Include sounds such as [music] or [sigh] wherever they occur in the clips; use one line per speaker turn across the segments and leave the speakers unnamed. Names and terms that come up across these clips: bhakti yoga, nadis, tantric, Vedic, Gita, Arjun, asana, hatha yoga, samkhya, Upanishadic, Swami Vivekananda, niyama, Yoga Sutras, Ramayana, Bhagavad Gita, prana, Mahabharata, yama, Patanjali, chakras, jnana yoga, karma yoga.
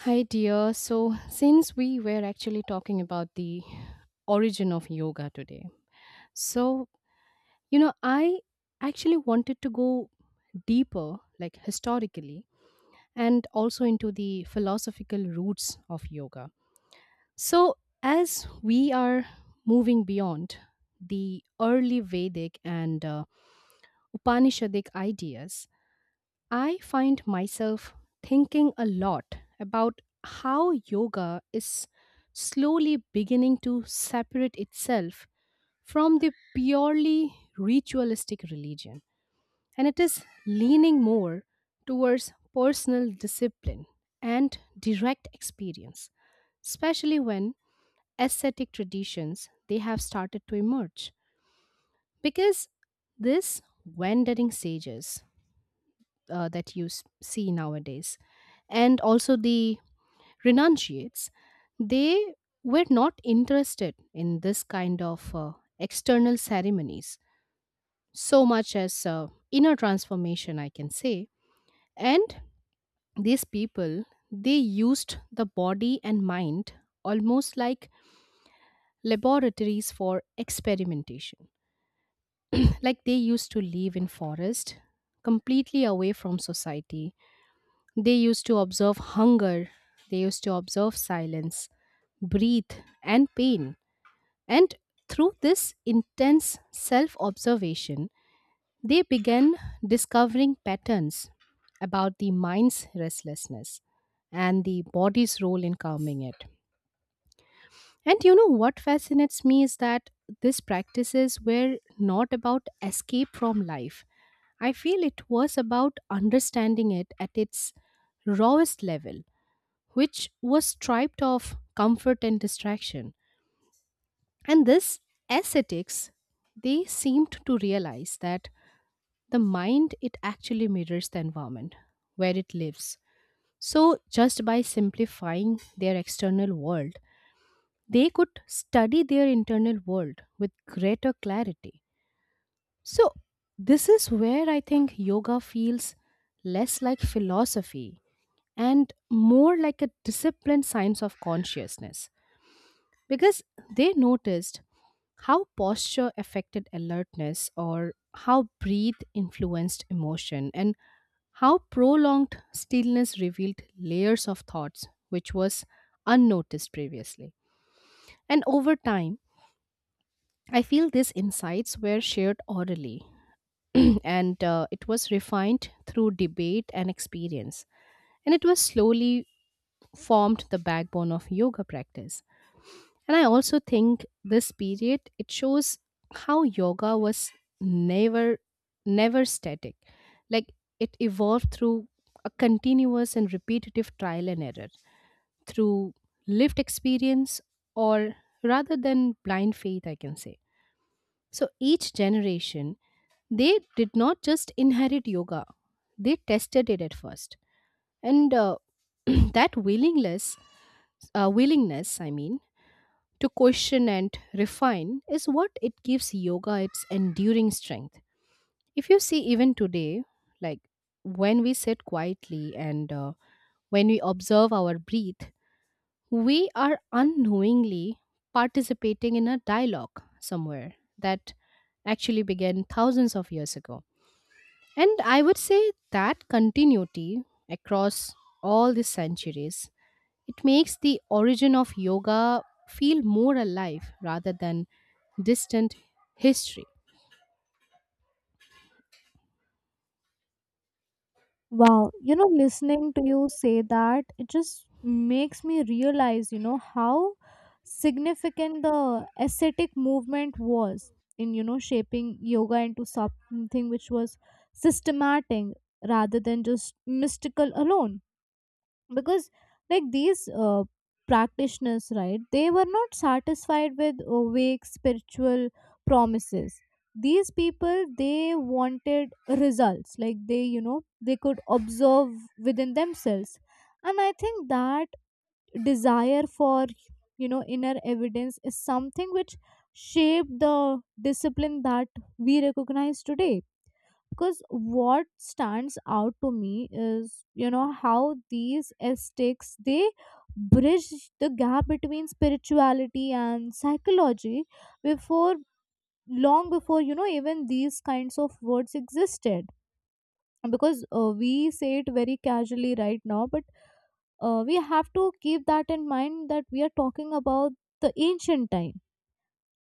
Hi, dear. So, since we were actually talking about the origin of yoga today, so, I actually wanted to go deeper, like historically, and also into the philosophical roots of yoga. So, as we are moving beyond the early Vedic and Upanishadic ideas, I find myself thinking a lot about how yoga is slowly beginning to separate itself from the purely ritualistic religion. And it is leaning more towards personal discipline and direct experience, especially when ascetic traditions they have started to emerge. Because this wandering sages that you see nowadays and also the renunciates they were not interested in this kind of external ceremonies so much as inner transformation I can say. And these people they used the body and mind almost like laboratories for experimentation. [clears throat] Like they used to live in forest completely away from society. They used to observe hunger, they used to observe silence, breathe, and pain. And through this intense self observation, they began discovering patterns about the mind's restlessness and the body's role in calming it. And you know what fascinates me is that these practices were not about escape from life. I feel it was about understanding it at its rawest level, which was stripped of comfort and distraction. And this ascetics, they seemed to realize that the mind it actually mirrors the environment where it lives. So just by simplifying their external world, they could study their internal world with greater clarity. So this is where I think yoga feels less like philosophy and more like a disciplined science of consciousness, because they noticed how posture affected alertness, or how breath influenced emotion, and how prolonged stillness revealed layers of thoughts which was unnoticed previously. And over time I feel these insights were shared orally, [clears throat] and it was refined through debate and experience, and it was slowly formed the backbone of yoga practice. And I also think this period it shows how yoga was never never static. Like it evolved through a continuous and repetitive trial and error, through lived experience or rather than blind faith I can say. So each generation they did not just inherit yoga. They tested it at first. And [clears throat] that willingness, I mean, to question and refine is what it gives yoga its enduring strength. If you see, even today, like when we sit quietly and when we observe our breath, we are unknowingly participating in a dialogue somewhere that actually began thousands of years ago. And I would say that continuity across all the centuries it makes the origin of yoga feel more alive rather than distant history.
Wow, you know, listening to you say that, it just makes me realize, you know, how significant the ascetic movement was in, you know, shaping yoga into something which was systematic rather than just mystical alone because like these practitioners, right, they were not satisfied with vague spiritual promises. These people, they wanted results like they, you know, they could observe within themselves. And I think that desire for, you know, inner evidence is something which shaped the discipline that we recognize today, because what stands out to me is, you know, how these aesthetics, they bridge the gap between spirituality and psychology before, long before, you know, even these kinds of words existed. Because we say it very casually right now, but we have to keep that in mind, that we are talking about the ancient time.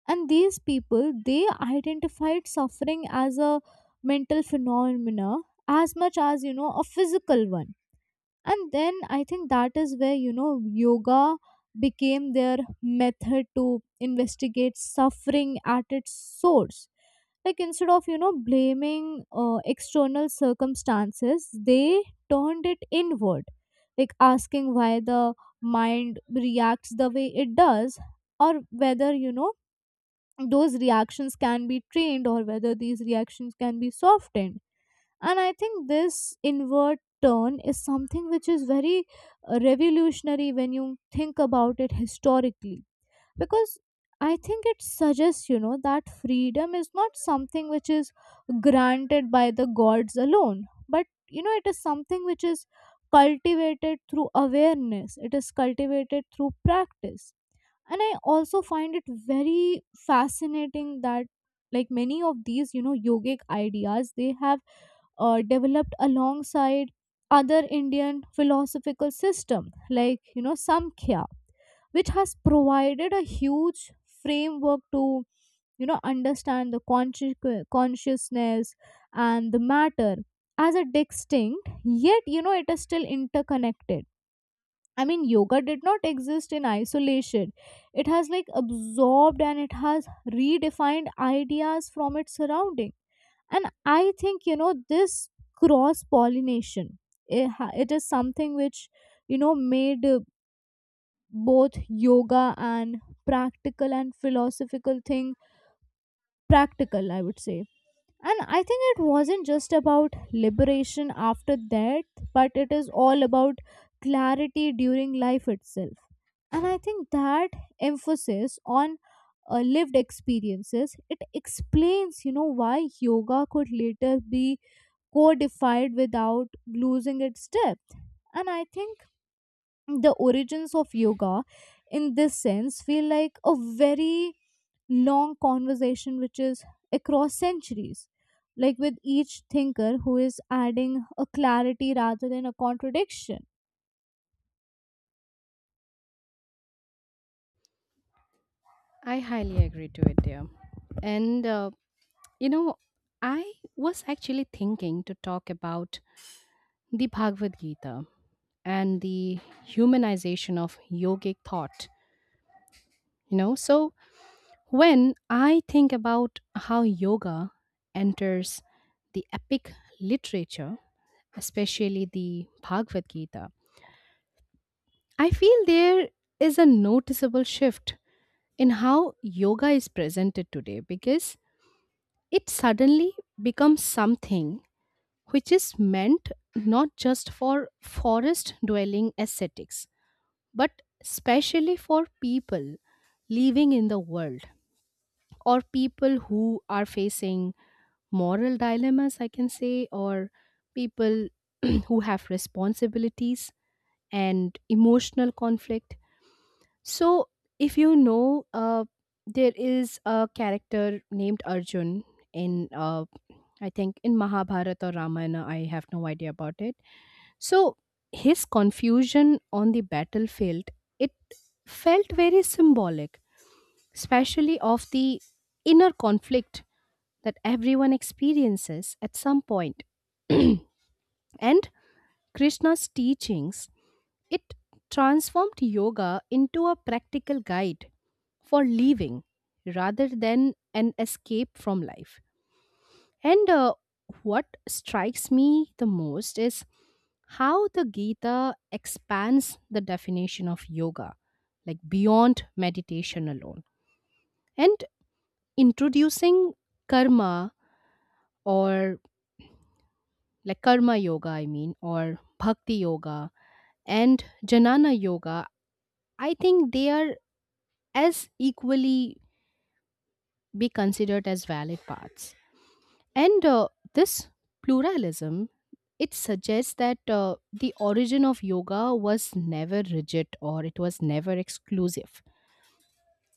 And these people, they identified suffering as a mental phenomena as much as, you know, a physical one. And then I think that is where, you know, yoga became their method to investigate suffering at its source. Like, instead of, you know, blaming external circumstances, they turned it inward, like asking why the mind reacts the way it does, or whether, you know, those reactions can be trained, or whether these reactions can be softened. And I think this inward turn is something which is very revolutionary when you think about it historically. Because I think it suggests, you know, that freedom is not something which is granted by the gods alone, but, you know, it is something which is cultivated through awareness, it is cultivated through practice. And I also find it very fascinating that, like, many of these, you know, yogic ideas, they have developed alongside other Indian philosophical system, like, you know, Samkhya, which has provided a huge framework to, you know, understand the consciousness and the matter as a distinct yet, you know, it is still interconnected. I mean, yoga did not exist in isolation. It has like absorbed and it has redefined ideas from its surrounding. And I think, you know, this cross pollination, it is something which, you know, made both yoga and practical and philosophical thing practical, I would say. And I think it wasn't just about liberation after that, but it is all about clarity during life itself. And I think that emphasis on lived experiences, it explains, you know, why yoga could later be codified without losing its depth. And I think the origins of yoga in this sense feel like a very long conversation which is across centuries, like with each thinker who is adding a clarity rather than a contradiction.
I highly agree to it, dear. And you know, I was actually thinking to talk about the Bhagavad Gita and the humanization of yogic thought. So when I think about how yoga enters the epic literature, especially the Bhagavad Gita, I feel there is a noticeable shift in how yoga is presented today, because it suddenly becomes something which is meant not just for forest dwelling ascetics but especially for people living in the world, or people who are facing moral dilemmas I can say, or people [clears throat] who have responsibilities and emotional conflict. So, if you know, there is a character named Arjun in, I think, in Mahabharata or Ramayana. I have no idea about it. So, his confusion on the battlefield, it felt very symbolic, especially of the inner conflict that everyone experiences at some point. And Krishna's teachings, it transformed yoga into a practical guide for living rather than an escape from life. And what strikes me the most is how the Gita expands the definition of yoga, like beyond meditation alone, and introducing karma or like karma yoga, I mean, or bhakti yoga and jnana yoga. I think they are as equally be considered as valid paths. And this pluralism it suggests that the origin of yoga was never rigid or it was never exclusive.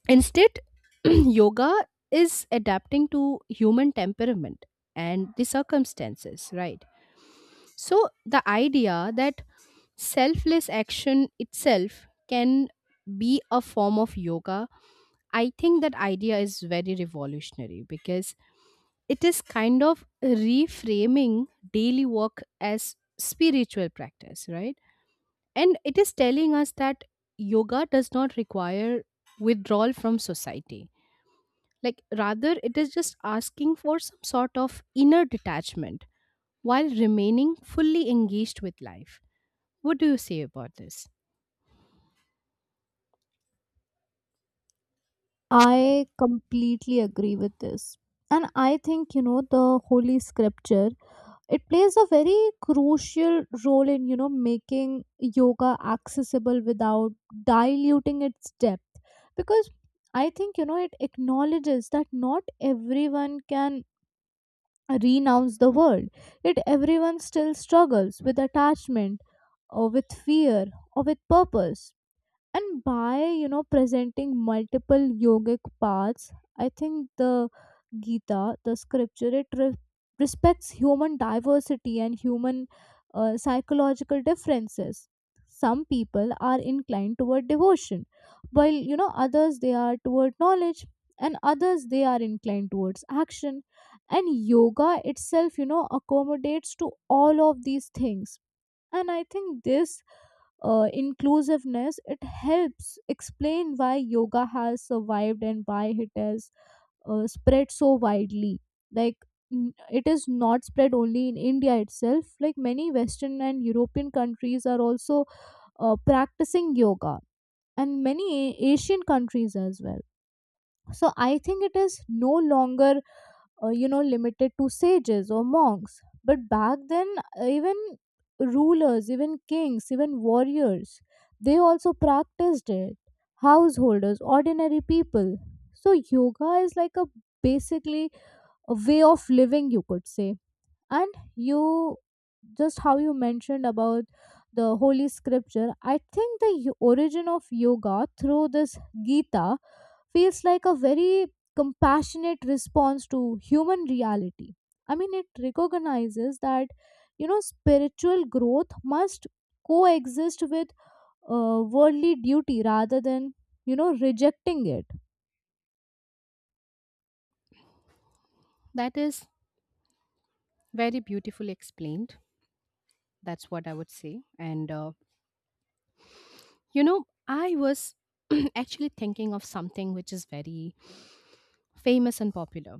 Instead, [clears throat] yoga is adapting to human temperament and the circumstances, right? So the idea that selfless action itself can be a form of yoga, I think that idea is very revolutionary because it is kind of reframing daily work as spiritual practice, right? And it is telling us that yoga does not require withdrawal from society. Like, rather, it is just asking for some sort of inner detachment while remaining fully engaged with life. What do you say about this?
I completely agree with this. And I think, you know, the Holy Scripture, it plays a very crucial role in, you know, making yoga accessible without diluting its depth. Because I think, you know, it acknowledges that not everyone can renounce the world, yet everyone still struggles with attachment, or with fear, or with purpose. And by, you know, presenting multiple yogic paths, I think the Gita, the scripture, it respects human diversity and human psychological differences. Some people are inclined toward devotion, while, you know, others they are toward knowledge, and others they are inclined towards action, and yoga itself, you know, accommodates to all of these things. And I think this inclusiveness, it helps explain why yoga has survived and why it has spread so widely. Like, it is not spread only in India itself, like many Western and European countries are also practicing yoga, and many Asian countries as well. So I think it is no longer you know, limited to sages or monks, but back then even rulers, even kings, even warriors, they also practiced it, householders, ordinary people. So yoga is like a, basically, a way of living, you could say. And you, just how you mentioned about the Holy Scripture, I think the origin of yoga through this Gita feels like a very compassionate response to human reality. I mean, it recognizes that, you know, spiritual growth must coexist with worldly duty rather than, you know, rejecting it.
That is very beautifully explained. That's what I would say. And I was [clears throat] actually thinking of something which is very famous and popular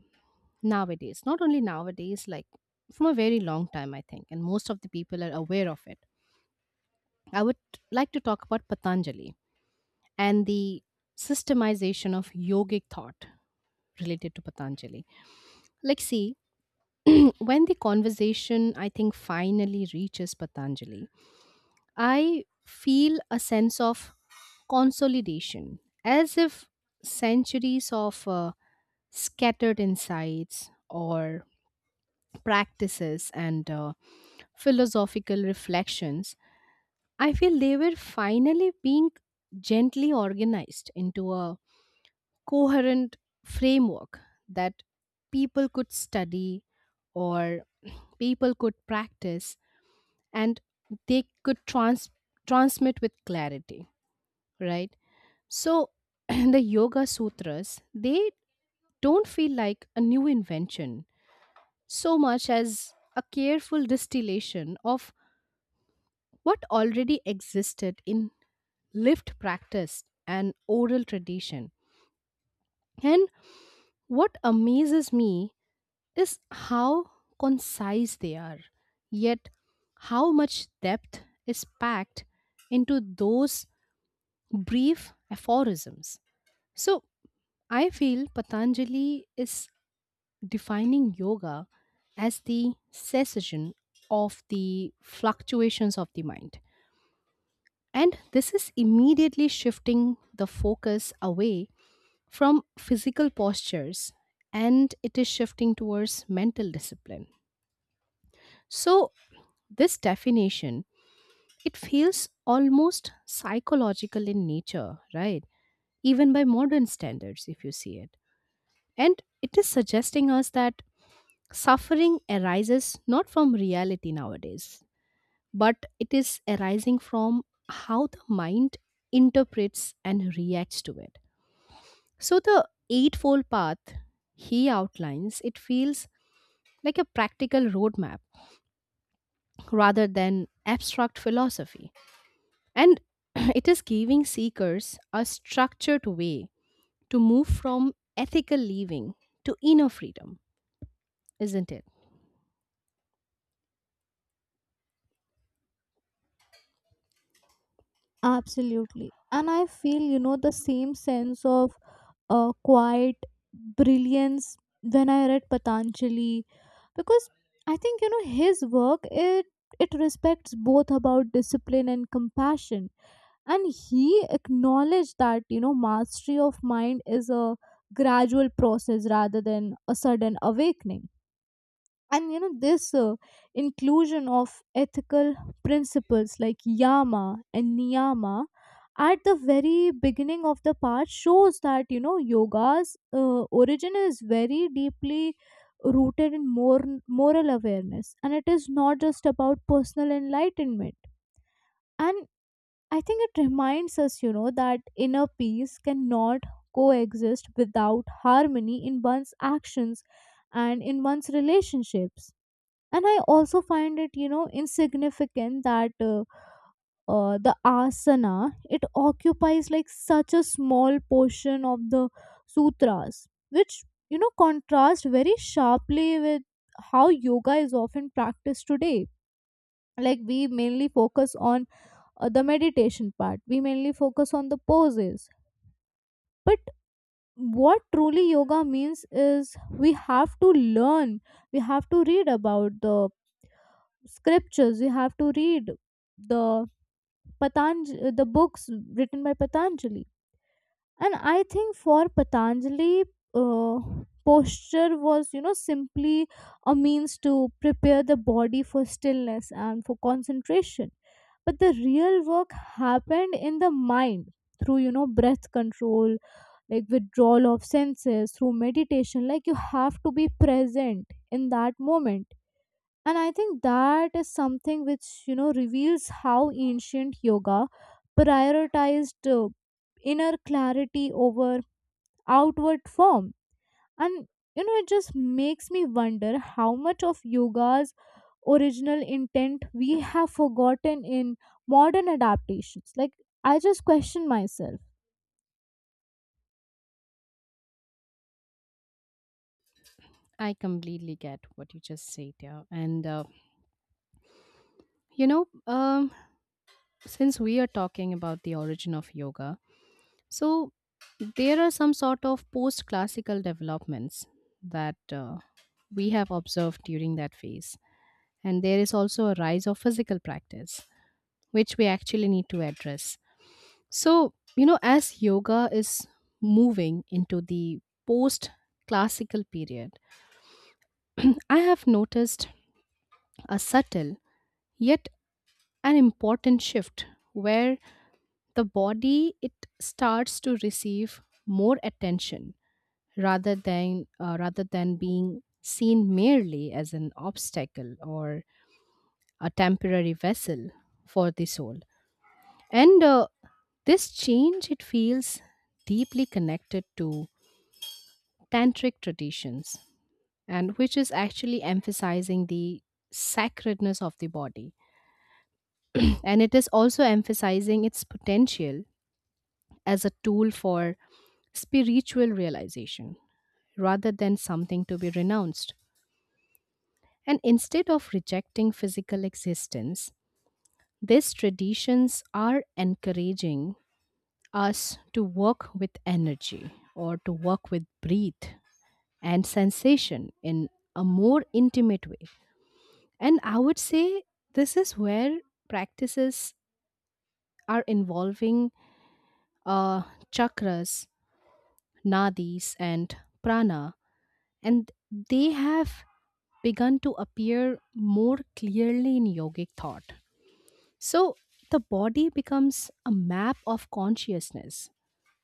nowadays. Not only nowadays, like from a very long time, I think, and most of the people are aware of it. I would like to talk about Patanjali and the systemization of yogic thought related to Patanjali. Like, see, [clears throat] when the conversation, I think, finally reaches Patanjali, I feel a sense of consolidation, as if centuries of scattered insights, or practices and philosophical reflections, I feel they were finally being gently organized into a coherent framework that people could study, or people could practice, and they could transmit with clarity, right? So [clears throat] the yoga sutras they don't feel like a new invention so much as a careful distillation of what already existed in lived practice and oral tradition. And what amazes me is how concise they are, yet how much depth is packed into those brief aphorisms. So I feel Patanjali is defining yoga as the cessation of the fluctuations of the mind. And this is immediately shifting the focus away from physical postures and it is shifting towards mental discipline. So, this definition, it feels almost psychological in nature, right? Even by modern standards, if you see it. And it is suggesting us that suffering arises not from reality nowadays, but it is arising from how the mind interprets and reacts to it. So, the Eightfold Path he outlines, it feels like a practical roadmap rather than abstract philosophy. And [clears throat] it is giving seekers a structured way to move from ethical living to inner freedom, isn't it?
Absolutely. And I feel, you know, the same sense of quiet brilliance when I read Patanjali, because I think, you know, his work, it respects both about discipline and compassion. And he acknowledged that, you know, mastery of mind is a gradual process rather than a sudden awakening. And, you know, this inclusion of ethical principles like yama and niyama at the very beginning of the part shows that, you know, yoga's origin is very deeply rooted in more moral awareness, and it is not just about personal enlightenment. And I think it reminds us, you know, that inner peace cannot coexist without harmony in one's actions and in one's relationships. And I also find it, you know, insignificant that the asana, it occupies like such a small portion of the sutras, which, you know, contrast very sharply with how yoga is often practiced today. Like, we mainly focus on the meditation part, we mainly focus on the poses. But what truly yoga means is we have to learn, we have to read about the scriptures, you have to read the Patanjali, the books written by Patanjali. And I think, for Patanjali, uh, posture was, you know, simply a means to prepare the body for stillness and for concentration. But the real work happened in the mind through, you know, breath control, like withdrawal of senses, through meditation, like you have to be present in that moment. And I think that is something which, you know, reveals how ancient yoga prioritized inner clarity over outward form. And, you know, it just makes me wonder how much of yoga's original intent we have forgotten in modern adaptations, like, I just question myself.
I completely get what you just said, yeah. And You know, um, since we are talking about the origin of yoga, so there are some sort of post classical developments that we have observed during that phase. And there is also a rise of physical practice, which we actually need to address. So, as yoga is moving into the post classical period, [clears throat] I have noticed a subtle yet an important shift where the body it starts to receive more attention, rather than being seen merely as an obstacle or a temporary vessel for the soul. And this change it feels deeply connected to tantric traditions, and which is actually emphasizing the sacredness of the body, and it is also emphasizing its potential as a tool for spiritual realization rather than something to be renounced. And instead of rejecting physical existence, these traditions are encouraging us to work with energy, or to work with breath and sensation in a more intimate way. And I would say this is where practices are involving uh, chakras, nadis, and prana, and they have begun to appear more clearly in yogic thought. So the body becomes a map of consciousness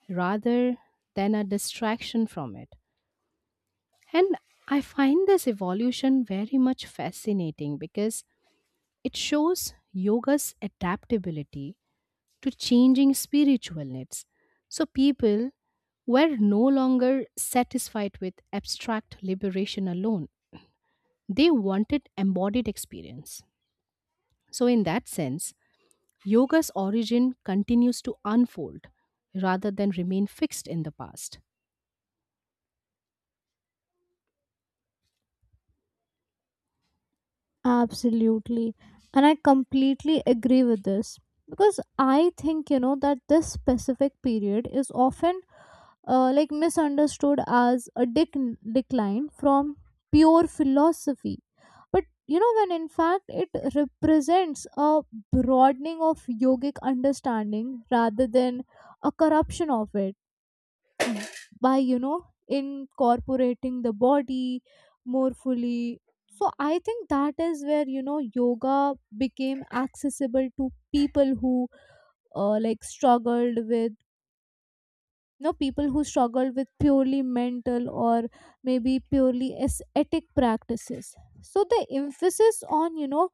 rather than a distraction from it. And I find this evolution very much fascinating because it shows yoga's adaptability to changing spiritual needs. So people were no longer satisfied with abstract liberation alone. They wanted embodied experience. So, in that sense, yoga's origin continues to unfold rather than remain fixed in the past.
Absolutely. And I completely agree with this, because I think, you know, that this specific period is often like misunderstood as a decline from pure philosophy. But, you know, when in fact it represents a broadening of yogic understanding rather than a corruption of it. By, you know, incorporating the body more fully, so I think that is where, you know, yoga became accessible to people who like struggled with, know, people who struggle with purely mental or maybe purely aesthetic practices. So the emphasis on, you know,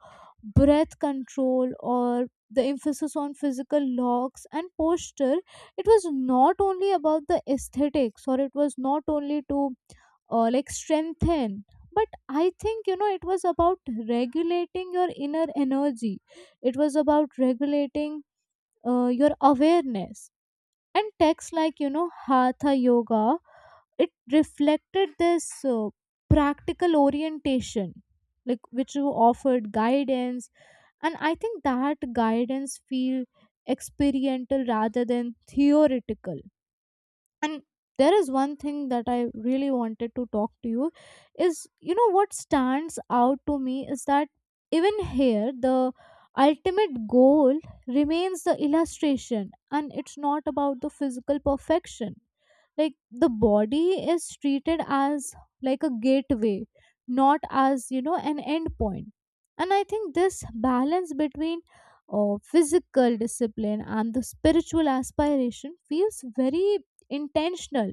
breath control, or the emphasis on physical locks and posture, it was not only about the aesthetics, or it was not only to like strengthen, but I think, you know, it was about regulating your inner energy, it was about regulating your awareness. And texts like, you know, hatha yoga, it reflected this uh, practical orientation, like which you offered guidance. And I think that guidance feel experiential rather than theoretical. And there is one thing that I really wanted to talk to you is, you know, what stands out to me is that even here the ultimate goal remains the illustration, and it's not about the physical perfection. Like, the body is treated as like a gateway, not as, you know, an end point. And I think this balance between physical discipline and the spiritual aspiration feels very intentional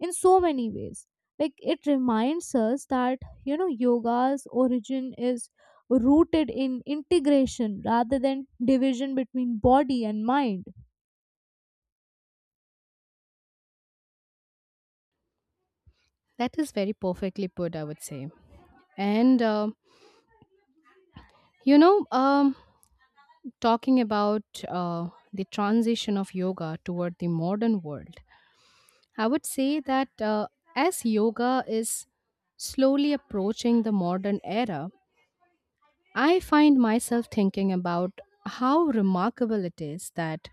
in so many ways. Like, it reminds us that, you know, yoga's origin is rooted in integration rather than division between body and mind.
That is very perfectly put, I would say. And, you know, um, talking about the transition of yoga toward the modern world, I would say that as yoga is slowly approaching the modern era, I find myself thinking about how remarkable it is that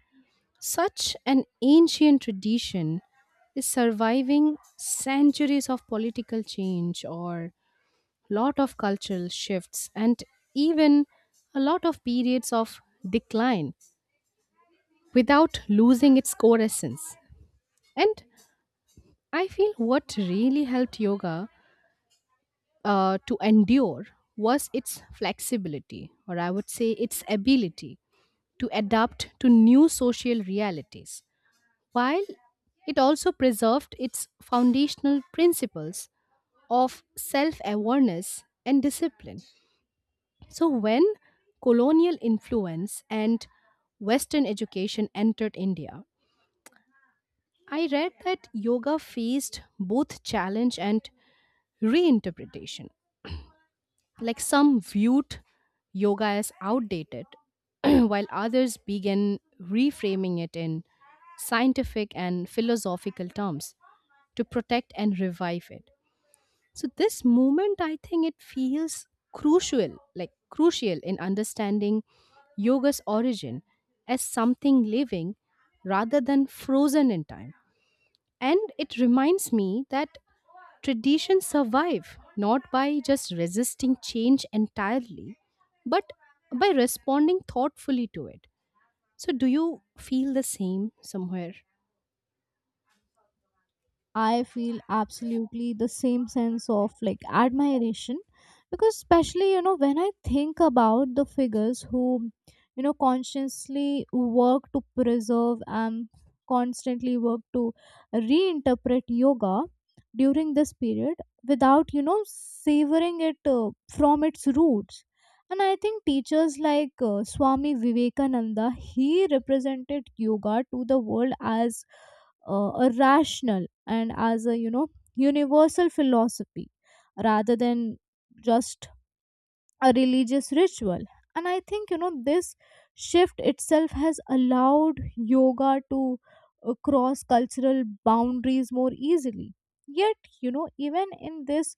such an ancient tradition is surviving centuries of political change, or lot of cultural shifts, and even a lot of periods of decline without losing its core essence. And I feel what really helped yoga to endure was its flexibility, or I would say its ability to adapt to new social realities, while it also preserved its foundational principles of self awareness and discipline. So, when colonial influence and Western education entered India, I read that yoga faced both challenge and reinterpretation. Like some viewed yoga as outdated, [clears throat] while others began reframing it in scientific and philosophical terms to protect and revive it. So this movement, I think it feels crucial, crucial in understanding yoga's origin as something living rather than frozen in time. And it reminds me that traditions survive not by just resisting change entirely, but by responding thoughtfully to it. So, do you feel the same somewhere?
I feel absolutely the same sense of like admiration, because especially, you know, when I think about the figures who, you know, consciously work to preserve and constantly work to reinterpret yoga during this period without, you know, savoring it from its roots. And I think teachers like Swami Vivekananda, he represented yoga to the world as a rational and as a, you know, universal philosophy rather than just a religious ritual. And I think, you know, this shift itself has allowed yoga to cross cultural boundaries more easily. Yet, you know, even in this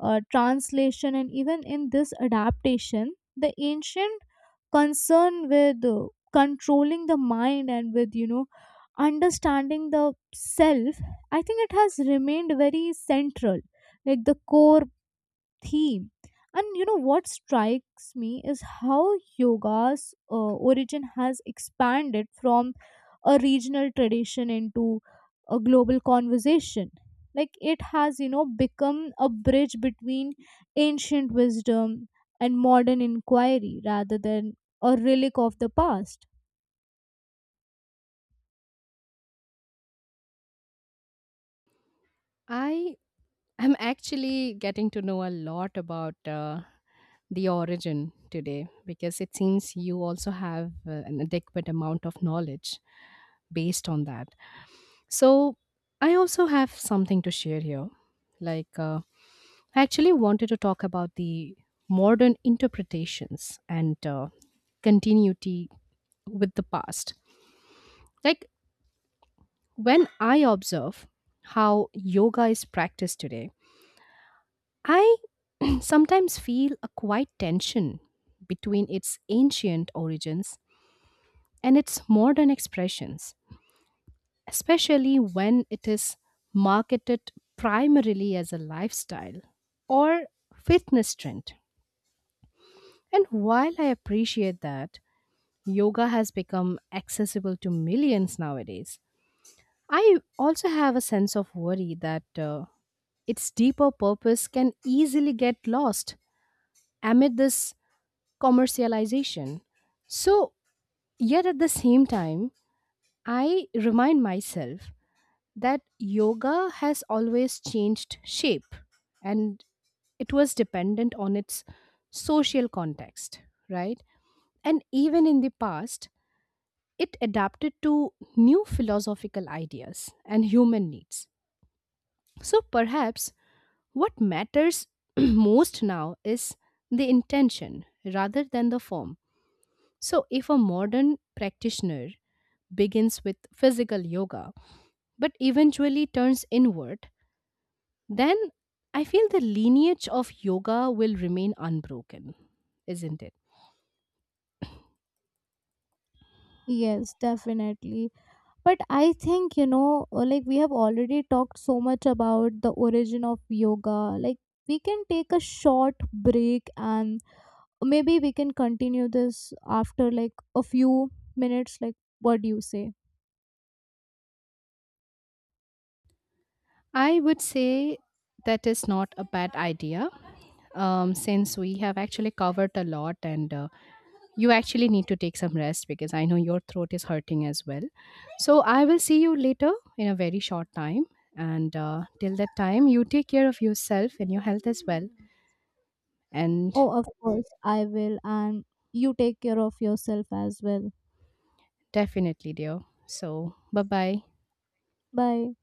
translation, and even in this adaptation, the ancient concern with controlling the mind, and with, you know, understanding the self, I think it has remained very central, like the core theme. And, you know, what strikes me is how yoga's origin has expanded from a regional tradition into a global conversation. Like, it has, you know, become a bridge between ancient wisdom and modern inquiry rather than a relic of the past.
I I'm actually getting to know a lot about the origin today, because it seems you also have an adequate amount of knowledge based on that. So, I also have something to share here. Like, I actually wanted to talk about the modern interpretations and continuity with the past. Like, when I observe how yoga is practiced today, I [clears throat] sometimes feel a quiet tension between its ancient origins and its modern expressions, especially when it is marketed primarily as a lifestyle or fitness trend. And while I appreciate that yoga has become accessible to millions nowadays, I also have a sense of worry that its deeper purpose can easily get lost amid this commercialization. So, yet at the same time, I remind myself that yoga has always changed shape, and it was dependent on its social context, right? And even in the past, it adapted to new philosophical ideas and human needs. So, perhaps what matters [clears throat] most now is the intention rather than the form. So, if a modern practitioner begins with physical yoga but eventually turns inward, then I feel the lineage of yoga will remain unbroken, isn't it?
Yes, definitely. But I think, you know, like we have already talked so much about the origin of yoga. Like, we can take a short break and maybe we can continue this after like a few minutes. Like, what do you say?
I would say that is not a bad idea, since we have actually covered a lot, and you actually need to take some rest because I know your throat is hurting as well. So I will see you later in a very short time. And till that time, you take care of yourself and your health as well. And.
Oh, of course, I will. And you take care of yourself as well.
Definitely, dear. So, bye bye.
Bye.